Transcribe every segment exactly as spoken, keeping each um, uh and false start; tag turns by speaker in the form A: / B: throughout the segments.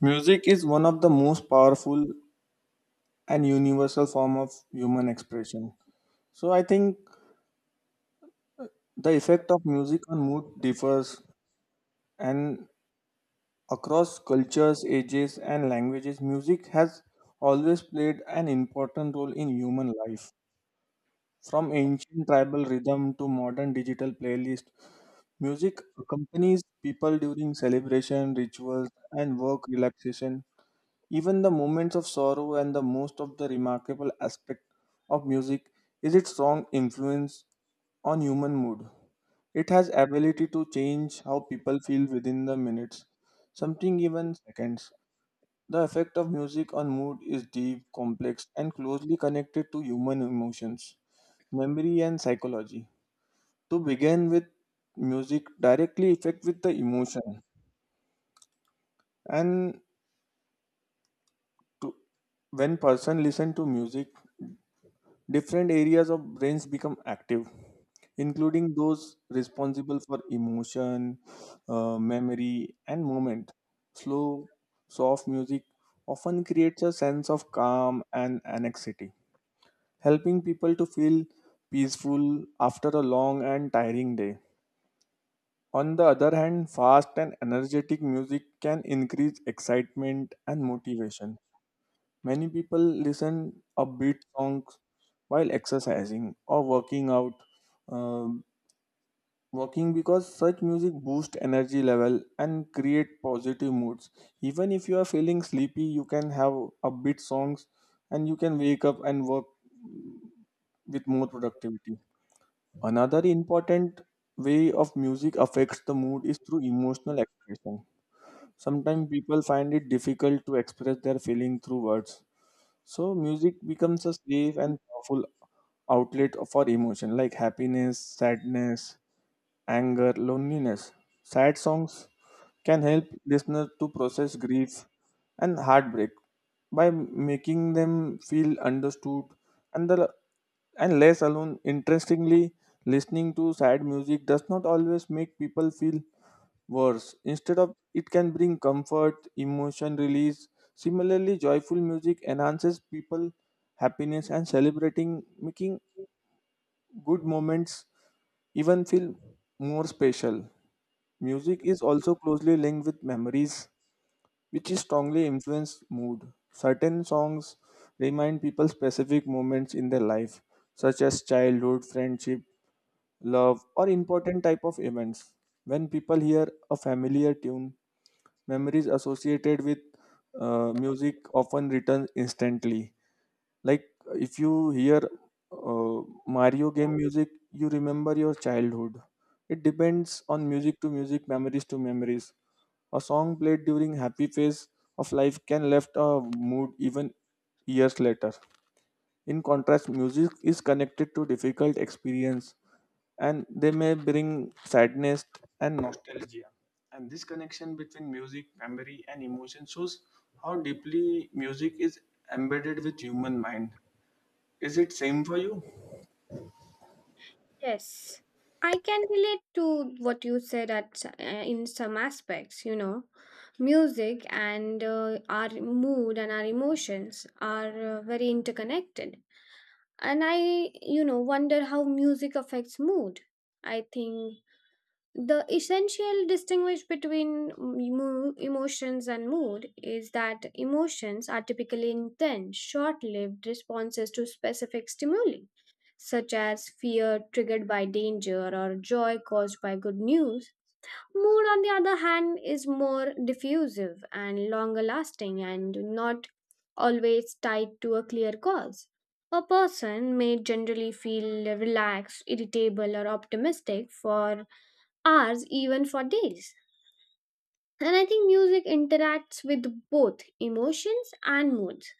A: Music is one of the most powerful and universal form of human expression. So I think the effect of music on mood differs, and across cultures, ages and languages music has always played an important role in human life. From ancient tribal rhythm to modern digital playlist, music accompanies people during celebration, rituals and work relaxation. Even the moments of sorrow and the most of the remarkable aspect of music is its strong influence on human mood. It has ability to change how people feel within the minutes, something even seconds. The effect of music on mood is deep, complex, and closely connected to human emotions, memory, and psychology. To begin with, music directly affect with the emotion, and to, when person listen to music different areas of brains become active, including those responsible for emotion, uh, memory, and movement. Slow, soft music often creates a sense of calm and anxiety, helping people to feel peaceful after a long and tiring day. On the other hand, fast and energetic music can increase excitement and motivation. Many people listen upbeat songs while exercising or working out. Um, Working because such music boosts energy level and create positive moods. Even if you are feeling sleepy, you can have upbeat songs and you can wake up and work with more productivity. Another important way of music affects the mood is through emotional expression. Sometimes people find it difficult to express their feeling through words. So music becomes a safe and powerful outlet for emotion like happiness, sadness, anger, loneliness. Sad songs can help listeners to process grief and heartbreak by making them feel understood and the and less alone. Interestingly, listening to sad music does not always make people feel worse, instead of it can bring comfort, emotion release. Similarly, joyful music enhances people happiness and celebrating, making good moments even feel more special. Music is also closely linked with memories, which is strongly influence mood. Certain songs remind people specific moments in their life, such as childhood, friendship, love or important type of events. When people hear a familiar tune, memories associated with uh, music often return instantly. Like if you hear uh, Mario game music, you remember your childhood. It depends on music to music, memories to memories. A song played during happy phase of life can left a mood even years later. In contrast, music is connected to difficult experience and they may bring sadness and nostalgia. And this connection between music, memory, and emotion shows how deeply music is embedded with human mind. Is it same for you?
B: Yes, I can relate to what you said at uh, in some aspects. You know, music and uh, our mood and our emotions are uh, very interconnected. And I, you know, wonder how music affects mood. I think the essential distinguish between emo- emotions and mood is that emotions are typically intense, short lived responses to specific stimuli, such as fear triggered by danger or joy caused by good news. Mood, on the other hand, is more diffusive and longer lasting and not always tied to a clear cause. A person may generally feel relaxed, irritable, or optimistic for hours, even for days. And I think music interacts with both emotions and moods.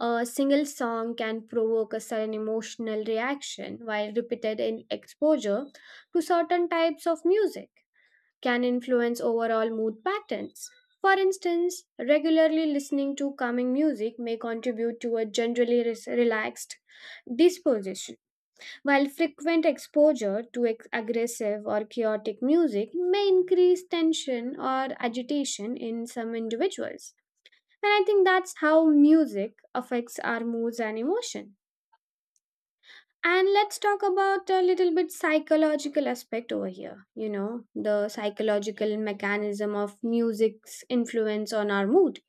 B: A single song can provoke a sudden emotional reaction, while repeated in exposure to certain types of music can influence overall mood patterns. For instance, regularly listening to calming music may contribute to a generally res- relaxed disposition while frequent exposure to ex- aggressive or chaotic music may increase tension or agitation in some individuals. And I think that's how music affects our moods and emotion. And let's talk about a little bit psychological aspect over here, you know, the psychological mechanism of music's influence on our mood.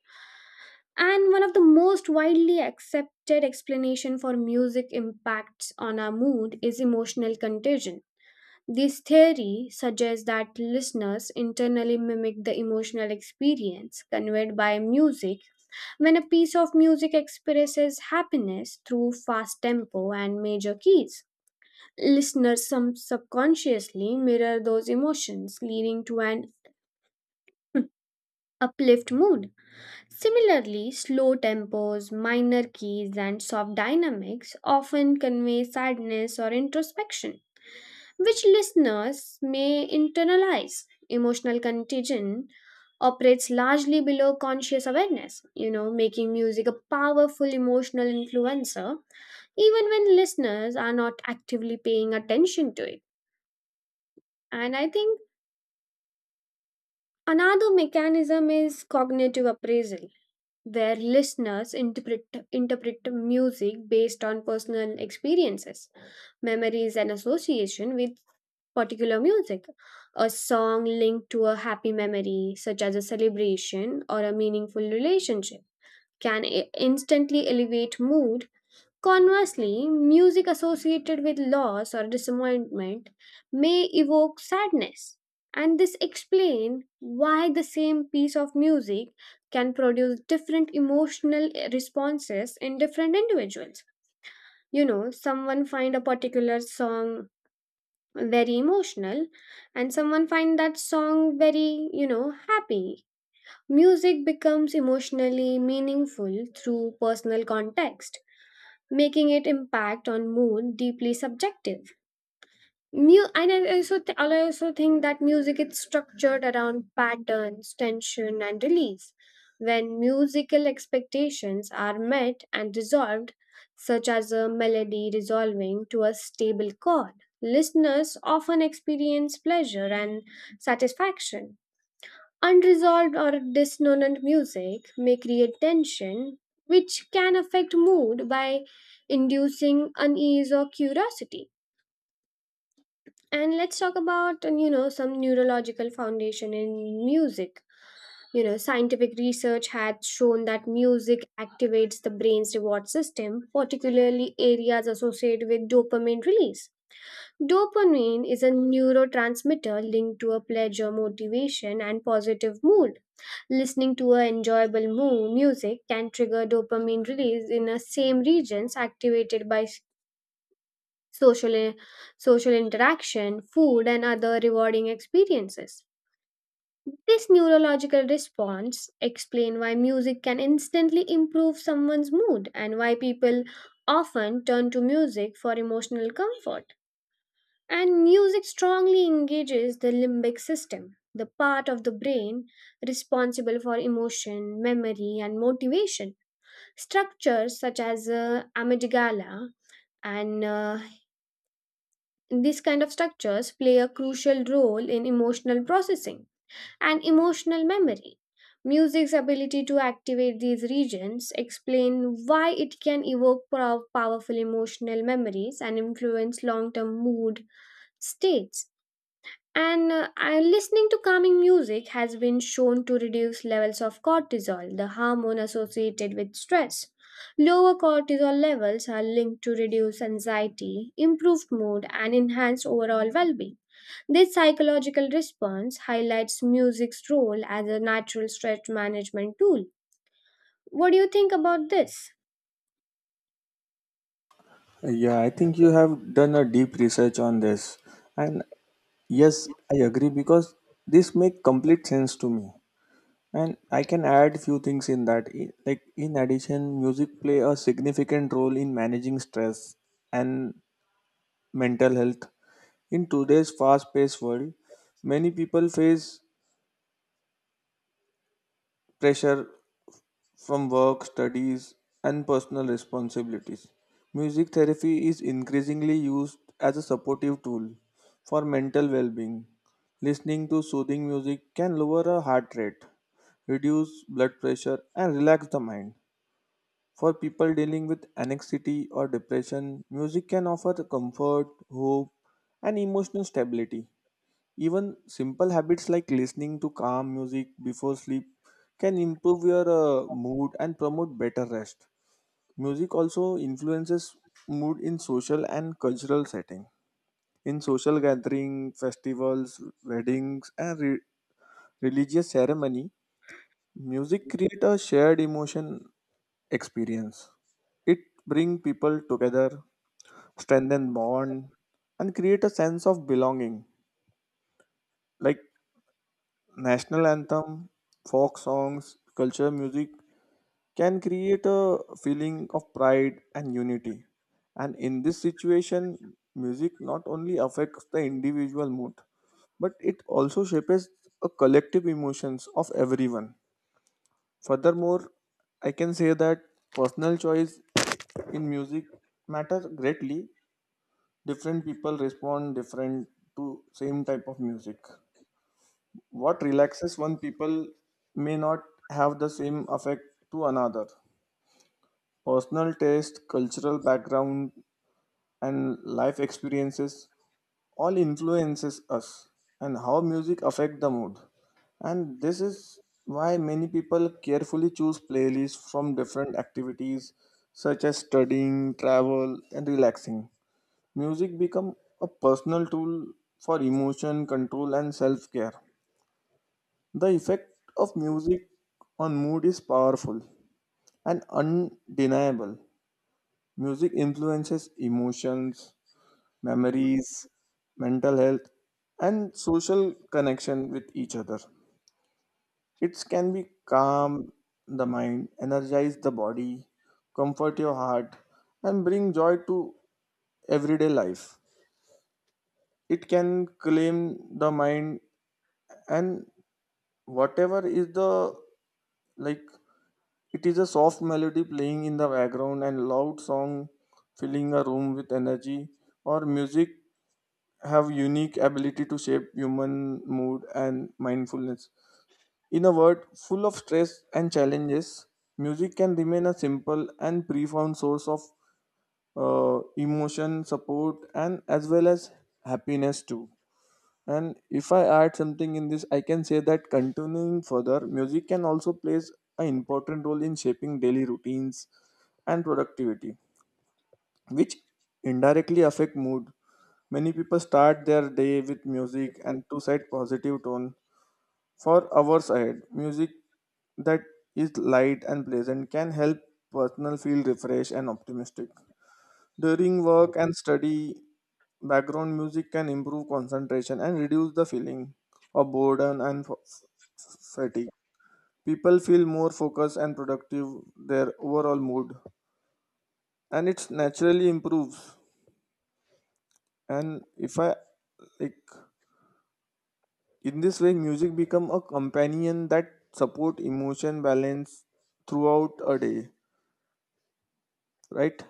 B: And one of the most widely accepted explanation for music impacts on our mood is emotional contagion. This theory suggests that listeners internally mimic the emotional experience conveyed by music. When a piece of music expresses happiness through fast tempo and major keys, listeners some subconsciously mirror those emotions, leading to an uplift mood. Similarly, slow tempos, minor keys, and soft dynamics often convey sadness or introspection which listeners may internalize. Emotional contagion operates largely below conscious awareness, you know, making music a powerful emotional influencer, even when listeners are not actively paying attention to it. And I think another mechanism is cognitive appraisal, where listeners interpret, interpret music based on personal experiences, memories, and association with particular music. A song linked to a happy memory, such as a celebration or a meaningful relationship, can i- instantly elevate mood. Conversely, music associated with loss or disappointment may evoke sadness. And this explains why the same piece of music can produce different emotional responses in different individuals. You know, someone find a particular song very emotional and someone find that song very, you know, happy. Music becomes emotionally meaningful through personal context, making it impact on mood deeply subjective. Mu- and I also, th- I also think that music is structured around patterns, tension, and release. When musical expectations are met and resolved, such as a melody resolving to a stable chord, listeners often experience pleasure and satisfaction. Unresolved or dissonant music may create tension, which can affect mood by inducing unease or curiosity. And let's talk about, you know, some neurological foundation in music. You know, scientific research has shown that music activates the brain's reward system, particularly areas associated with dopamine release. Dopamine is a neurotransmitter linked to a pleasure, motivation, and positive mood. Listening to a enjoyable mood music can trigger dopamine release in the same regions activated by social, social interaction, food, and other rewarding experiences. This neurological response explains why music can instantly improve someone's mood and why people often turn to music for emotional comfort. And music strongly engages the limbic system, the part of the brain responsible for emotion, memory, and motivation. Structures such as uh, amygdala, and uh, these kind of structures play a crucial role in emotional processing and emotional memory. Music's ability to activate these regions explain why it can evoke pow- powerful emotional memories and influence long-term mood states. And uh, I- listening to calming music has been shown to reduce levels of cortisol, the hormone associated with stress. Lower cortisol levels are linked to reduced anxiety, improved mood, and enhanced overall well being. This psychological response highlights music's role as a natural stress management tool. What do you think about this?
A: Yeah, I think you have done a deep research on this. And yes, I agree, because this makes complete sense to me. And I can add few things in that. I- Like in addition, music play a significant role in managing stress and mental health. In today's fast-paced world, many people face pressure from work, studies, and personal responsibilities. Music therapy is increasingly used as a supportive tool for mental well-being. Listening to soothing music can lower a heart rate, reduce blood pressure, and relax the mind. For people dealing with anxiety or depression, music can offer comfort, hope, and emotional stability. Even simple habits like listening to calm music before sleep can improve your uh, mood and promote better rest. Music also influences mood in social and cultural setting. In social gathering, festivals, weddings, and re- religious ceremony, music create a shared emotion experience. It brings people together, strengthen bond, and create a sense of belonging. Like national anthem, folk songs, culture music can create a feeling of pride and unity. And in this situation, music not only affects the individual mood, but it also shapes a collective emotions of everyone. Furthermore, I can say that personal choice in music matters greatly. Different people respond different to same type of music. What relaxes one people may not have the same effect to another. Personal taste, cultural background, and life experiences all influences us and how music affect the mood. And this is why many people carefully choose playlists from different activities such as studying, travel and relaxing. Music become a personal tool for emotion control and self care. The effect of music on mood is powerful and undeniable. Music influences emotions, memories, mental health, and social connection with each other. It can be calm the mind, energize the body, comfort your heart, and bring joy to everyday life. It can claim the mind, and whatever is the like, it is a soft melody playing in the background and loud song filling a room with energy, or music have unique ability to shape human mood and mindfulness. In a world full of stress and challenges, music can remain a simple and profound source of uh, emotion, support, and as well as happiness too. And if I add something in this, I can say that continuing further, music can also plays an important role in shaping daily routines and productivity, which indirectly affect mood. Many people start their day with music and to set positive tone for hours ahead. Music that is light and pleasant can help personal feel refreshed and optimistic. During work and study, background music can improve concentration and reduce the feeling of boredom and f- fatigue. People feel more focused and productive, their overall mood and it naturally improves. And if I like, in this way music become a companion that support emotion balance throughout a day, right?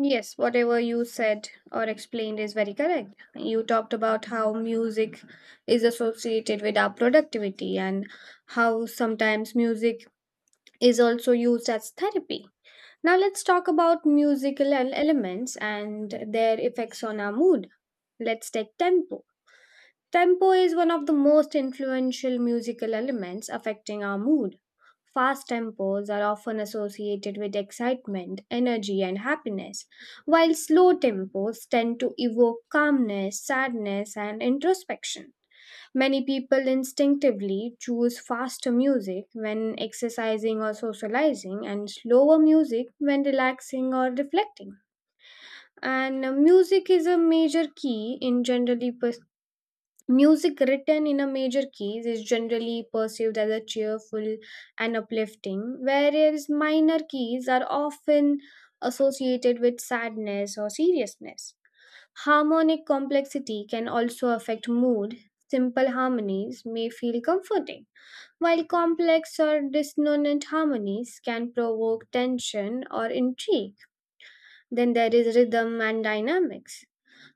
B: Yes, whatever you said or explained is very correct. You talked about how music is associated with our productivity and how sometimes music is also used as therapy. Now, let's talk about musical el- elements and their effects on our mood. Let's take tempo. Tempo is one of the most influential musical elements affecting our mood. Fast tempos are often associated with excitement, energy, and happiness, while slow tempos tend to evoke calmness, sadness, and introspection. Many people instinctively choose faster music when exercising or socializing, and slower music when relaxing or reflecting. And uh, music is a major key in generally pers- music written in a major key is generally perceived as a cheerful and uplifting, whereas minor keys are often associated with sadness or seriousness. Harmonic complexity can also affect mood. Simple harmonies may feel comforting, while complex or dissonant harmonies can provoke tension or intrigue. Then there is rhythm and dynamics.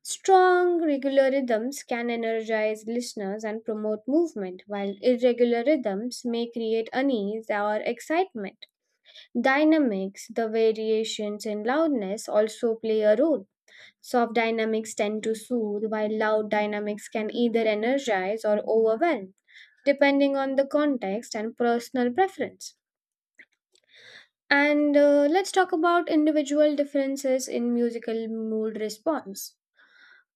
B: Strong, regular rhythms can energize listeners and promote movement, while irregular rhythms may create unease or excitement. Dynamics, the variations in loudness, also play a role. Soft dynamics tend to soothe, while loud dynamics can either energize or overwhelm, depending on the context and personal preference. And uh, let's talk about individual differences in musical mood response.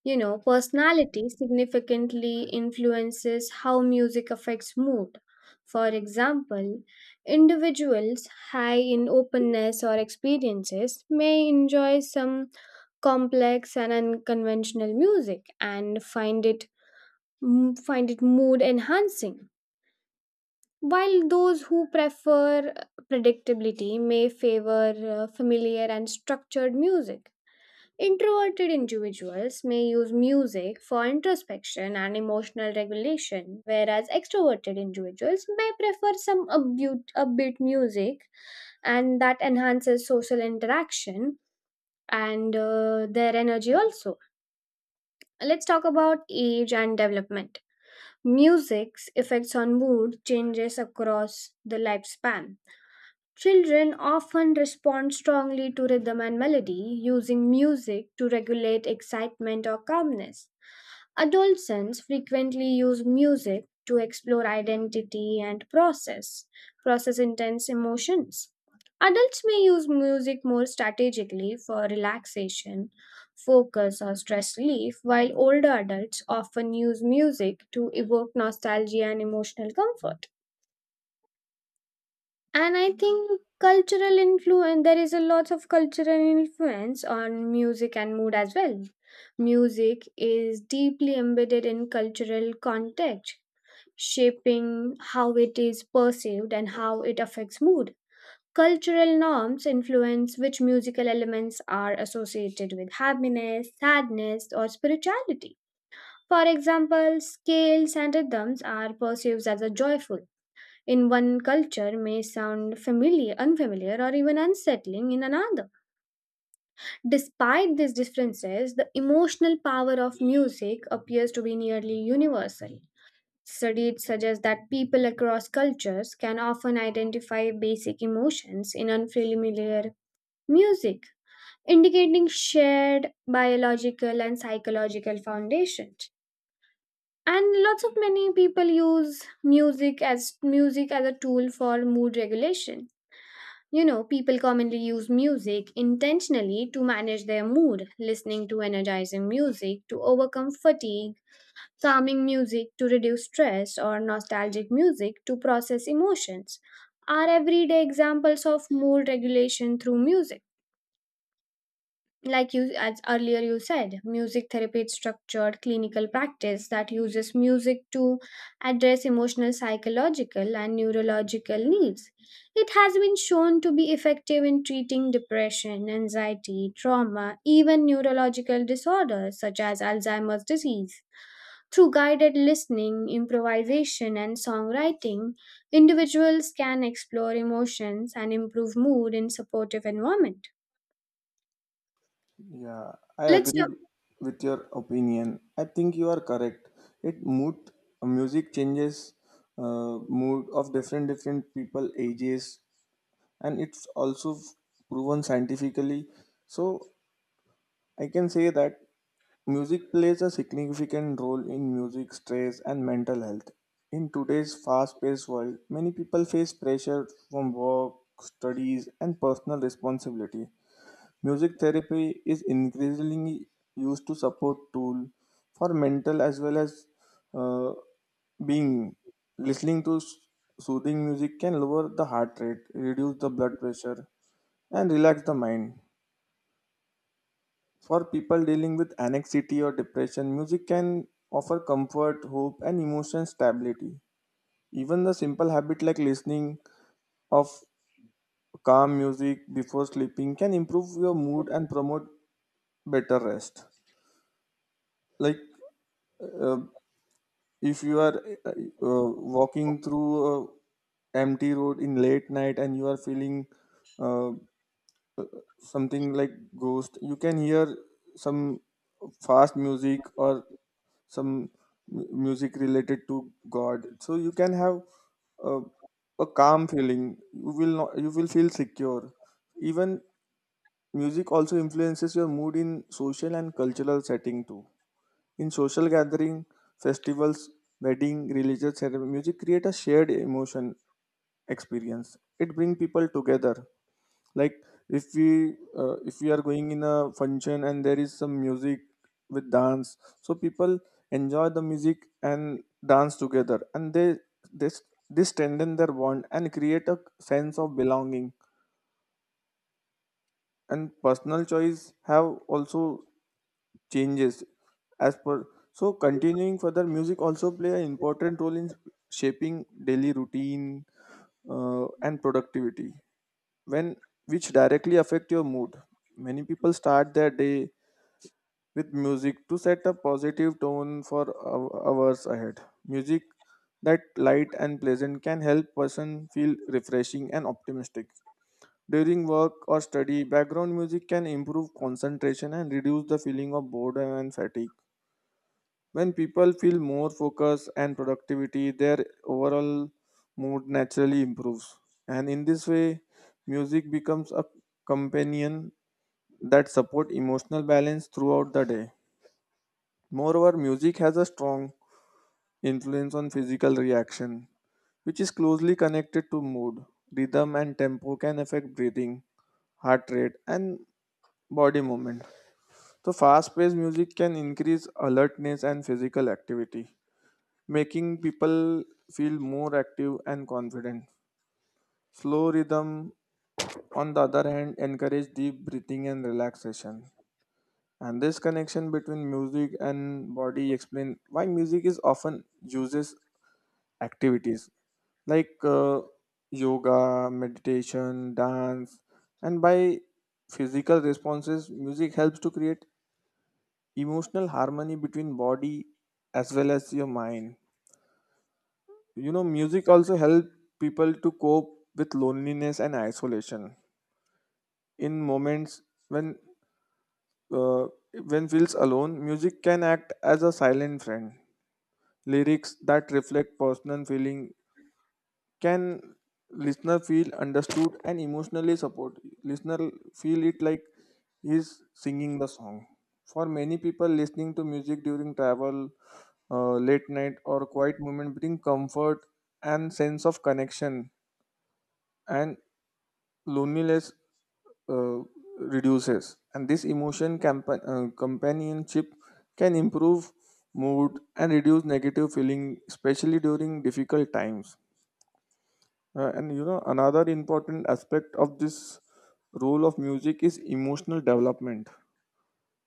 B: You know, personality significantly influences how music affects mood. For example, individuals high in openness or experiences may enjoy some complex and unconventional music and find it m- find it mood enhancing, while those who prefer predictability may favor uh, familiar and structured music. Introverted individuals may use music for introspection and emotional regulation, whereas extroverted individuals may prefer some upbeat, upbeat music and that enhances social interaction and uh, their energy also. Let's talk about age and development. Music's effects on mood changes across the lifespan. Children often respond strongly to rhythm and melody, using music to regulate excitement or calmness. Adolescents frequently use music to explore identity and process, process intense emotions. Adults may use music more strategically for relaxation, focus, or stress relief, while older adults often use music to evoke nostalgia and emotional comfort. And I think cultural influence, there is a lot of cultural influence on music and mood as well. Music is deeply embedded in cultural context, shaping how it is perceived and how it affects mood. Cultural norms influence which musical elements are associated with happiness, sadness, or spirituality. For example, scales and rhythms are perceived as a joyful in one culture may sound familiar, unfamiliar, or even unsettling in another. Despite these differences, the emotional power of music appears to be nearly universal. Studies suggest that people across cultures can often identify basic emotions in unfamiliar music, indicating shared biological and psychological foundations. And lots of many people use music as music as a tool for mood regulation. You know, people commonly use music intentionally to manage their mood, listening to energizing music to overcome fatigue, calming music to reduce stress, or nostalgic music to process emotions are everyday examples of mood regulation through music. Like you as earlier you said, music therapy is structured clinical practice that uses music to address emotional, psychological, and neurological needs. It has been shown to be effective in treating depression, anxiety, trauma, even neurological disorders such as Alzheimer's disease, through guided listening, improvisation, and songwriting. Individuals can explore emotions and improve mood in supportive environment.
A: Yeah, I
B: Let's.
A: agree with your opinion, I think you are correct. It mood, music changes uh, mood of different different people ages, and it's also proven scientifically. So I can say that music plays a significant role in music stress and mental health. In today's fast paced world, many people face pressure from work, studies, and personal responsibility. Music therapy is increasingly used to support tool for mental as well as uh, being. Listening to s- soothing music can lower the heart rate, reduce the blood pressure, and relax the mind. For people dealing with anxiety or depression, music can offer comfort, hope, and emotion stability. Even the simple habit like listening of calm music before sleeping can improve your mood and promote better rest. Like uh, if you are uh, uh, walking through a empty road in late night and you are feeling uh, something like ghost, you can hear some fast music or some mu- music related to god, so you can have uh, a calm feeling. You will not, you will feel secure. Even music also influences your mood in social and cultural setting too. In social gathering, festivals, wedding, religious ceremony, music create a shared emotion experience. It brings people together. Like if we uh, if we are going in a function and there is some music with dance, so people enjoy the music and dance together, and they this this strengthen their bond and create a sense of belonging. And personal choice have also changes as per. So continuing further, music also play an important role in shaping daily routine uh, and productivity, when which directly affect your mood. Many people start their day with music to set a positive tone for hou- hours ahead. Music that light and pleasant can help person feel refreshing and optimistic. During work or study, background music can improve concentration and reduce the feeling of boredom and fatigue. When people feel more focus and productivity, their overall mood naturally improves. And in this way, music becomes a companion that support emotional balance throughout the day. Moreover, music has a strong influence on physical reaction, which is closely connected to mood. Rhythm and tempo can affect breathing, heart rate, and body movement. So, fast paced music can increase alertness and physical activity, making people feel more active and confident. Slow rhythm, on the other hand, encourage deep breathing and relaxation. And this connection between music and body explain why music is often uses activities like uh, yoga, meditation, dance, and by physical responses, music helps to create emotional harmony between body as well as your mind. You know, music also help people to cope with loneliness and isolation. In moments when uh, when feels alone, music can act as a silent friend. Lyrics that reflect personal feeling can listener feel understood and emotionally supported. Listener feel it like he's singing the song. For many people, listening to music during travel, uh, late night or quiet moment bring comfort and sense of connection, and loneliness uh, reduces. And this emotion campa- uh, companionship can improve mood and reduce negative feeling, especially during difficult times. Uh, and you know, another important aspect of this role of music is emotional development,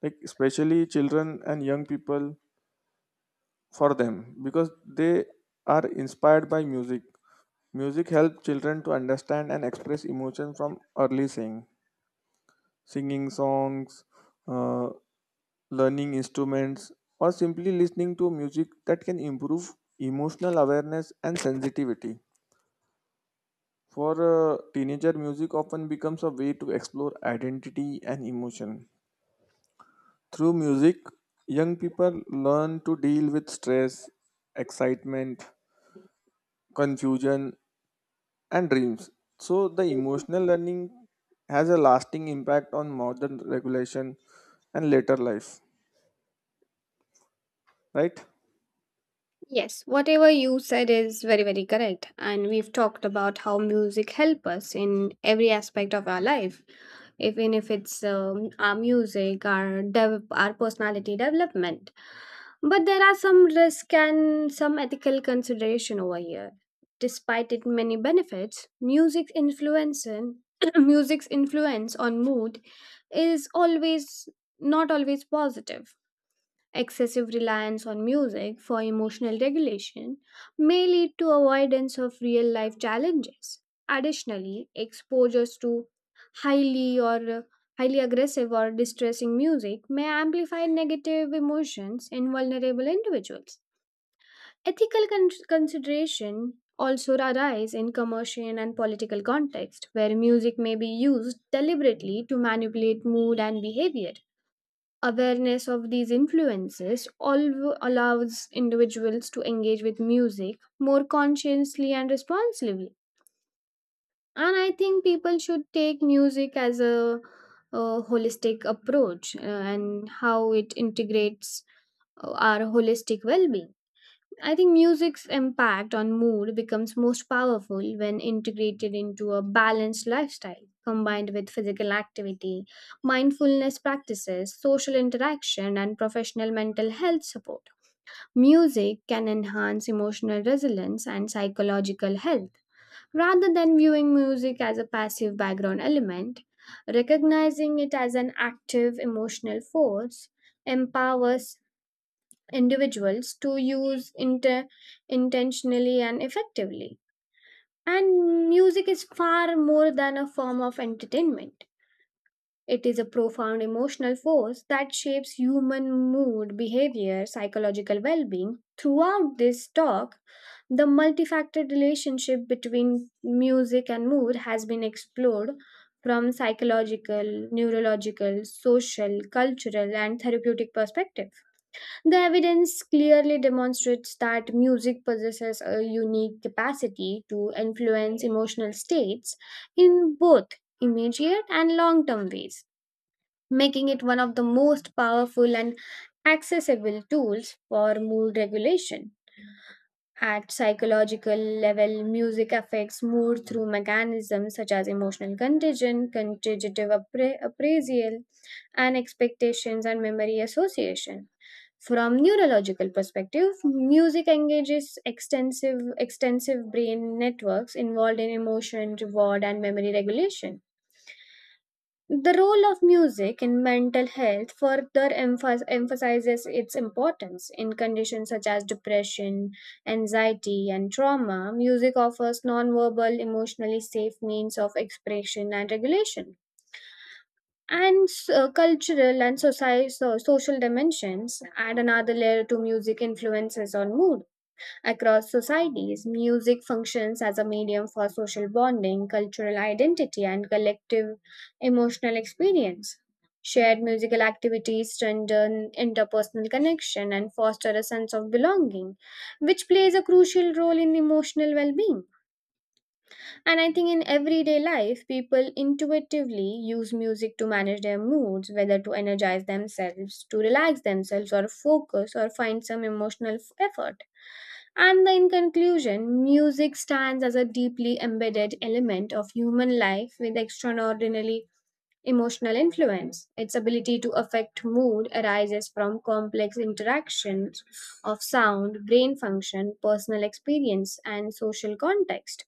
A: like especially children and young people. For them, because they are inspired by music. Music helps children to understand and express emotion from early sing, singing songs, uh, learning instruments, or simply listening to music that can improve emotional awareness and sensitivity. For a teenager, music often becomes a way to explore identity and emotion. Through music, young people learn to deal with stress, excitement, confusion, and dreams. So, the emotional learning has a lasting impact on modern regulation and later life, right?
B: Yes, whatever you said is very, very correct. And we've talked about how music help us in every aspect of our life, even if it's um, our music, our dev- our personality development. But there are some risk and some ethical consideration over here. Despite it many benefits, music's influence in- music's influence on mood is always not always positive. Excessive reliance on music for emotional regulation may lead to avoidance of real life challenges. Additionally, exposures to highly or uh, highly aggressive or distressing music may amplify negative emotions in vulnerable individuals. Ethical con- consideration also arise in commercial and political context where music may be used deliberately to manipulate mood and behavior. Awareness of these influences alv- allows individuals to engage with music more consciously and responsibly. And I think people should take music as a, a holistic approach uh, and how it integrates uh, our holistic well being. I think music's impact on mood becomes most powerful when integrated into a balanced lifestyle, combined with physical activity, mindfulness practices, social interaction, and professional mental health support. Music can enhance emotional resilience and psychological health. Rather than viewing music as a passive background element, recognizing it as an active emotional force empowers individuals to use inter- intentionally and effectively. And music is far more than a form of entertainment. It is a profound emotional force that shapes human mood, behavior, psychological well being. Throughout this talk, the multifaceted relationship between music and mood has been explored from psychological, neurological, social, cultural, and therapeutic perspectives. The evidence clearly demonstrates that music possesses a unique capacity to influence emotional states in both immediate and long term ways, making it one of the most powerful and accessible tools for mood regulation. At psychological level, music affects mood through mechanisms such as emotional contagion, quantitative appra- appraisal, and expectations and memory association. From neurological perspective, music engages extensive extensive brain networks involved in emotion, reward, and memory regulation. The role of music in mental health further emphas- emphasizes its importance. In conditions such as depression, anxiety, and trauma, music offers nonverbal, emotionally safe means of expression and regulation. And uh, cultural and soci- so- social dimensions add another layer to music influences on mood. Across societies, music functions as a medium for social bonding, cultural identity, and collective emotional experience. Shared musical activities strengthen interpersonal connection and foster a sense of belonging, which plays a crucial role in emotional well being. And I think in everyday life, people intuitively use music to manage their moods, whether to energize themselves, to relax themselves, or focus, or find some emotional f- effort. And in conclusion, music stands as a deeply embedded element of human life with extraordinarily emotional influence. Its ability to affect mood arises from complex interactions of sound, brain function, personal experience, and social context.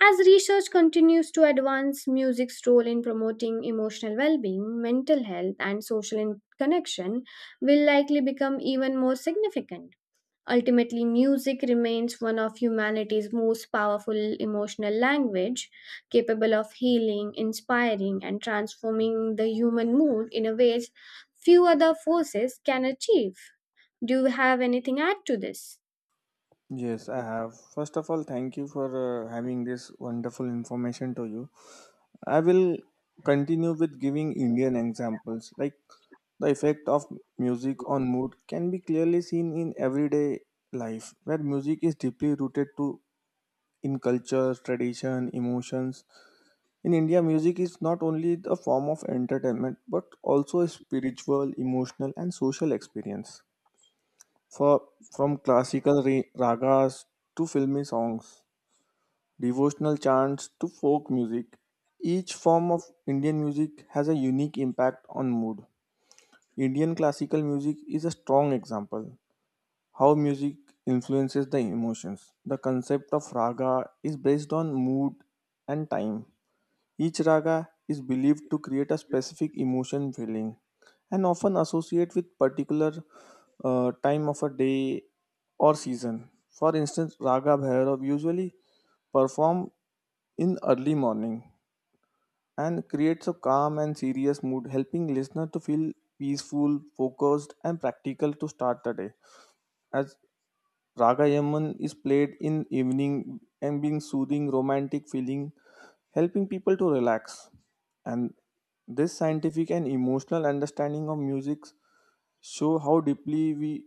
B: As research continues to advance music's role in promoting emotional well being, mental health, and social in- connection will likely become even more significant. Ultimately, music remains one of humanity's most powerful emotional language, capable of healing, inspiring, and transforming the human mood in a ways few other forces can achieve. Do you have anything to add to this?
A: Yes, I have. First of all, thank you for uh, having this wonderful information to you. I will continue with giving Indian examples. Like the effect of music on mood can be clearly seen in everyday life, where music is deeply rooted to in culture, tradition, emotions. In India, music is not only a form of entertainment but also a spiritual, emotional, and social experience. For from classical ra- ragas to filmy songs, devotional chants to folk music, each form of Indian music has a unique impact on mood. Indian classical music is a strong example how music influences the emotions. The concept of raga is based on mood and time. Each raga is believed to create a specific emotion feeling and often associate with particular uh, time of a day or season. For instance, Raga Bhairav usually perform in early morning and creates a calm and serious mood, helping listener to feel peaceful, focused and practical to start the day. As Ragayaman is played in evening and being soothing, romantic feeling, helping people to relax. And this scientific and emotional understanding of music show how deeply we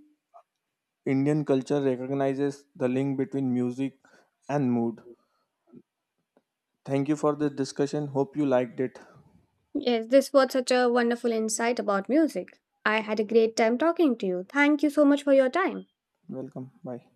A: Indian culture recognizes the link between music and mood. Thank you for this discussion. Hope you liked it.
B: Yes, this was such a wonderful insight about music. I had a great time talking to you. Thank you so much for your time.
A: Welcome. Bye.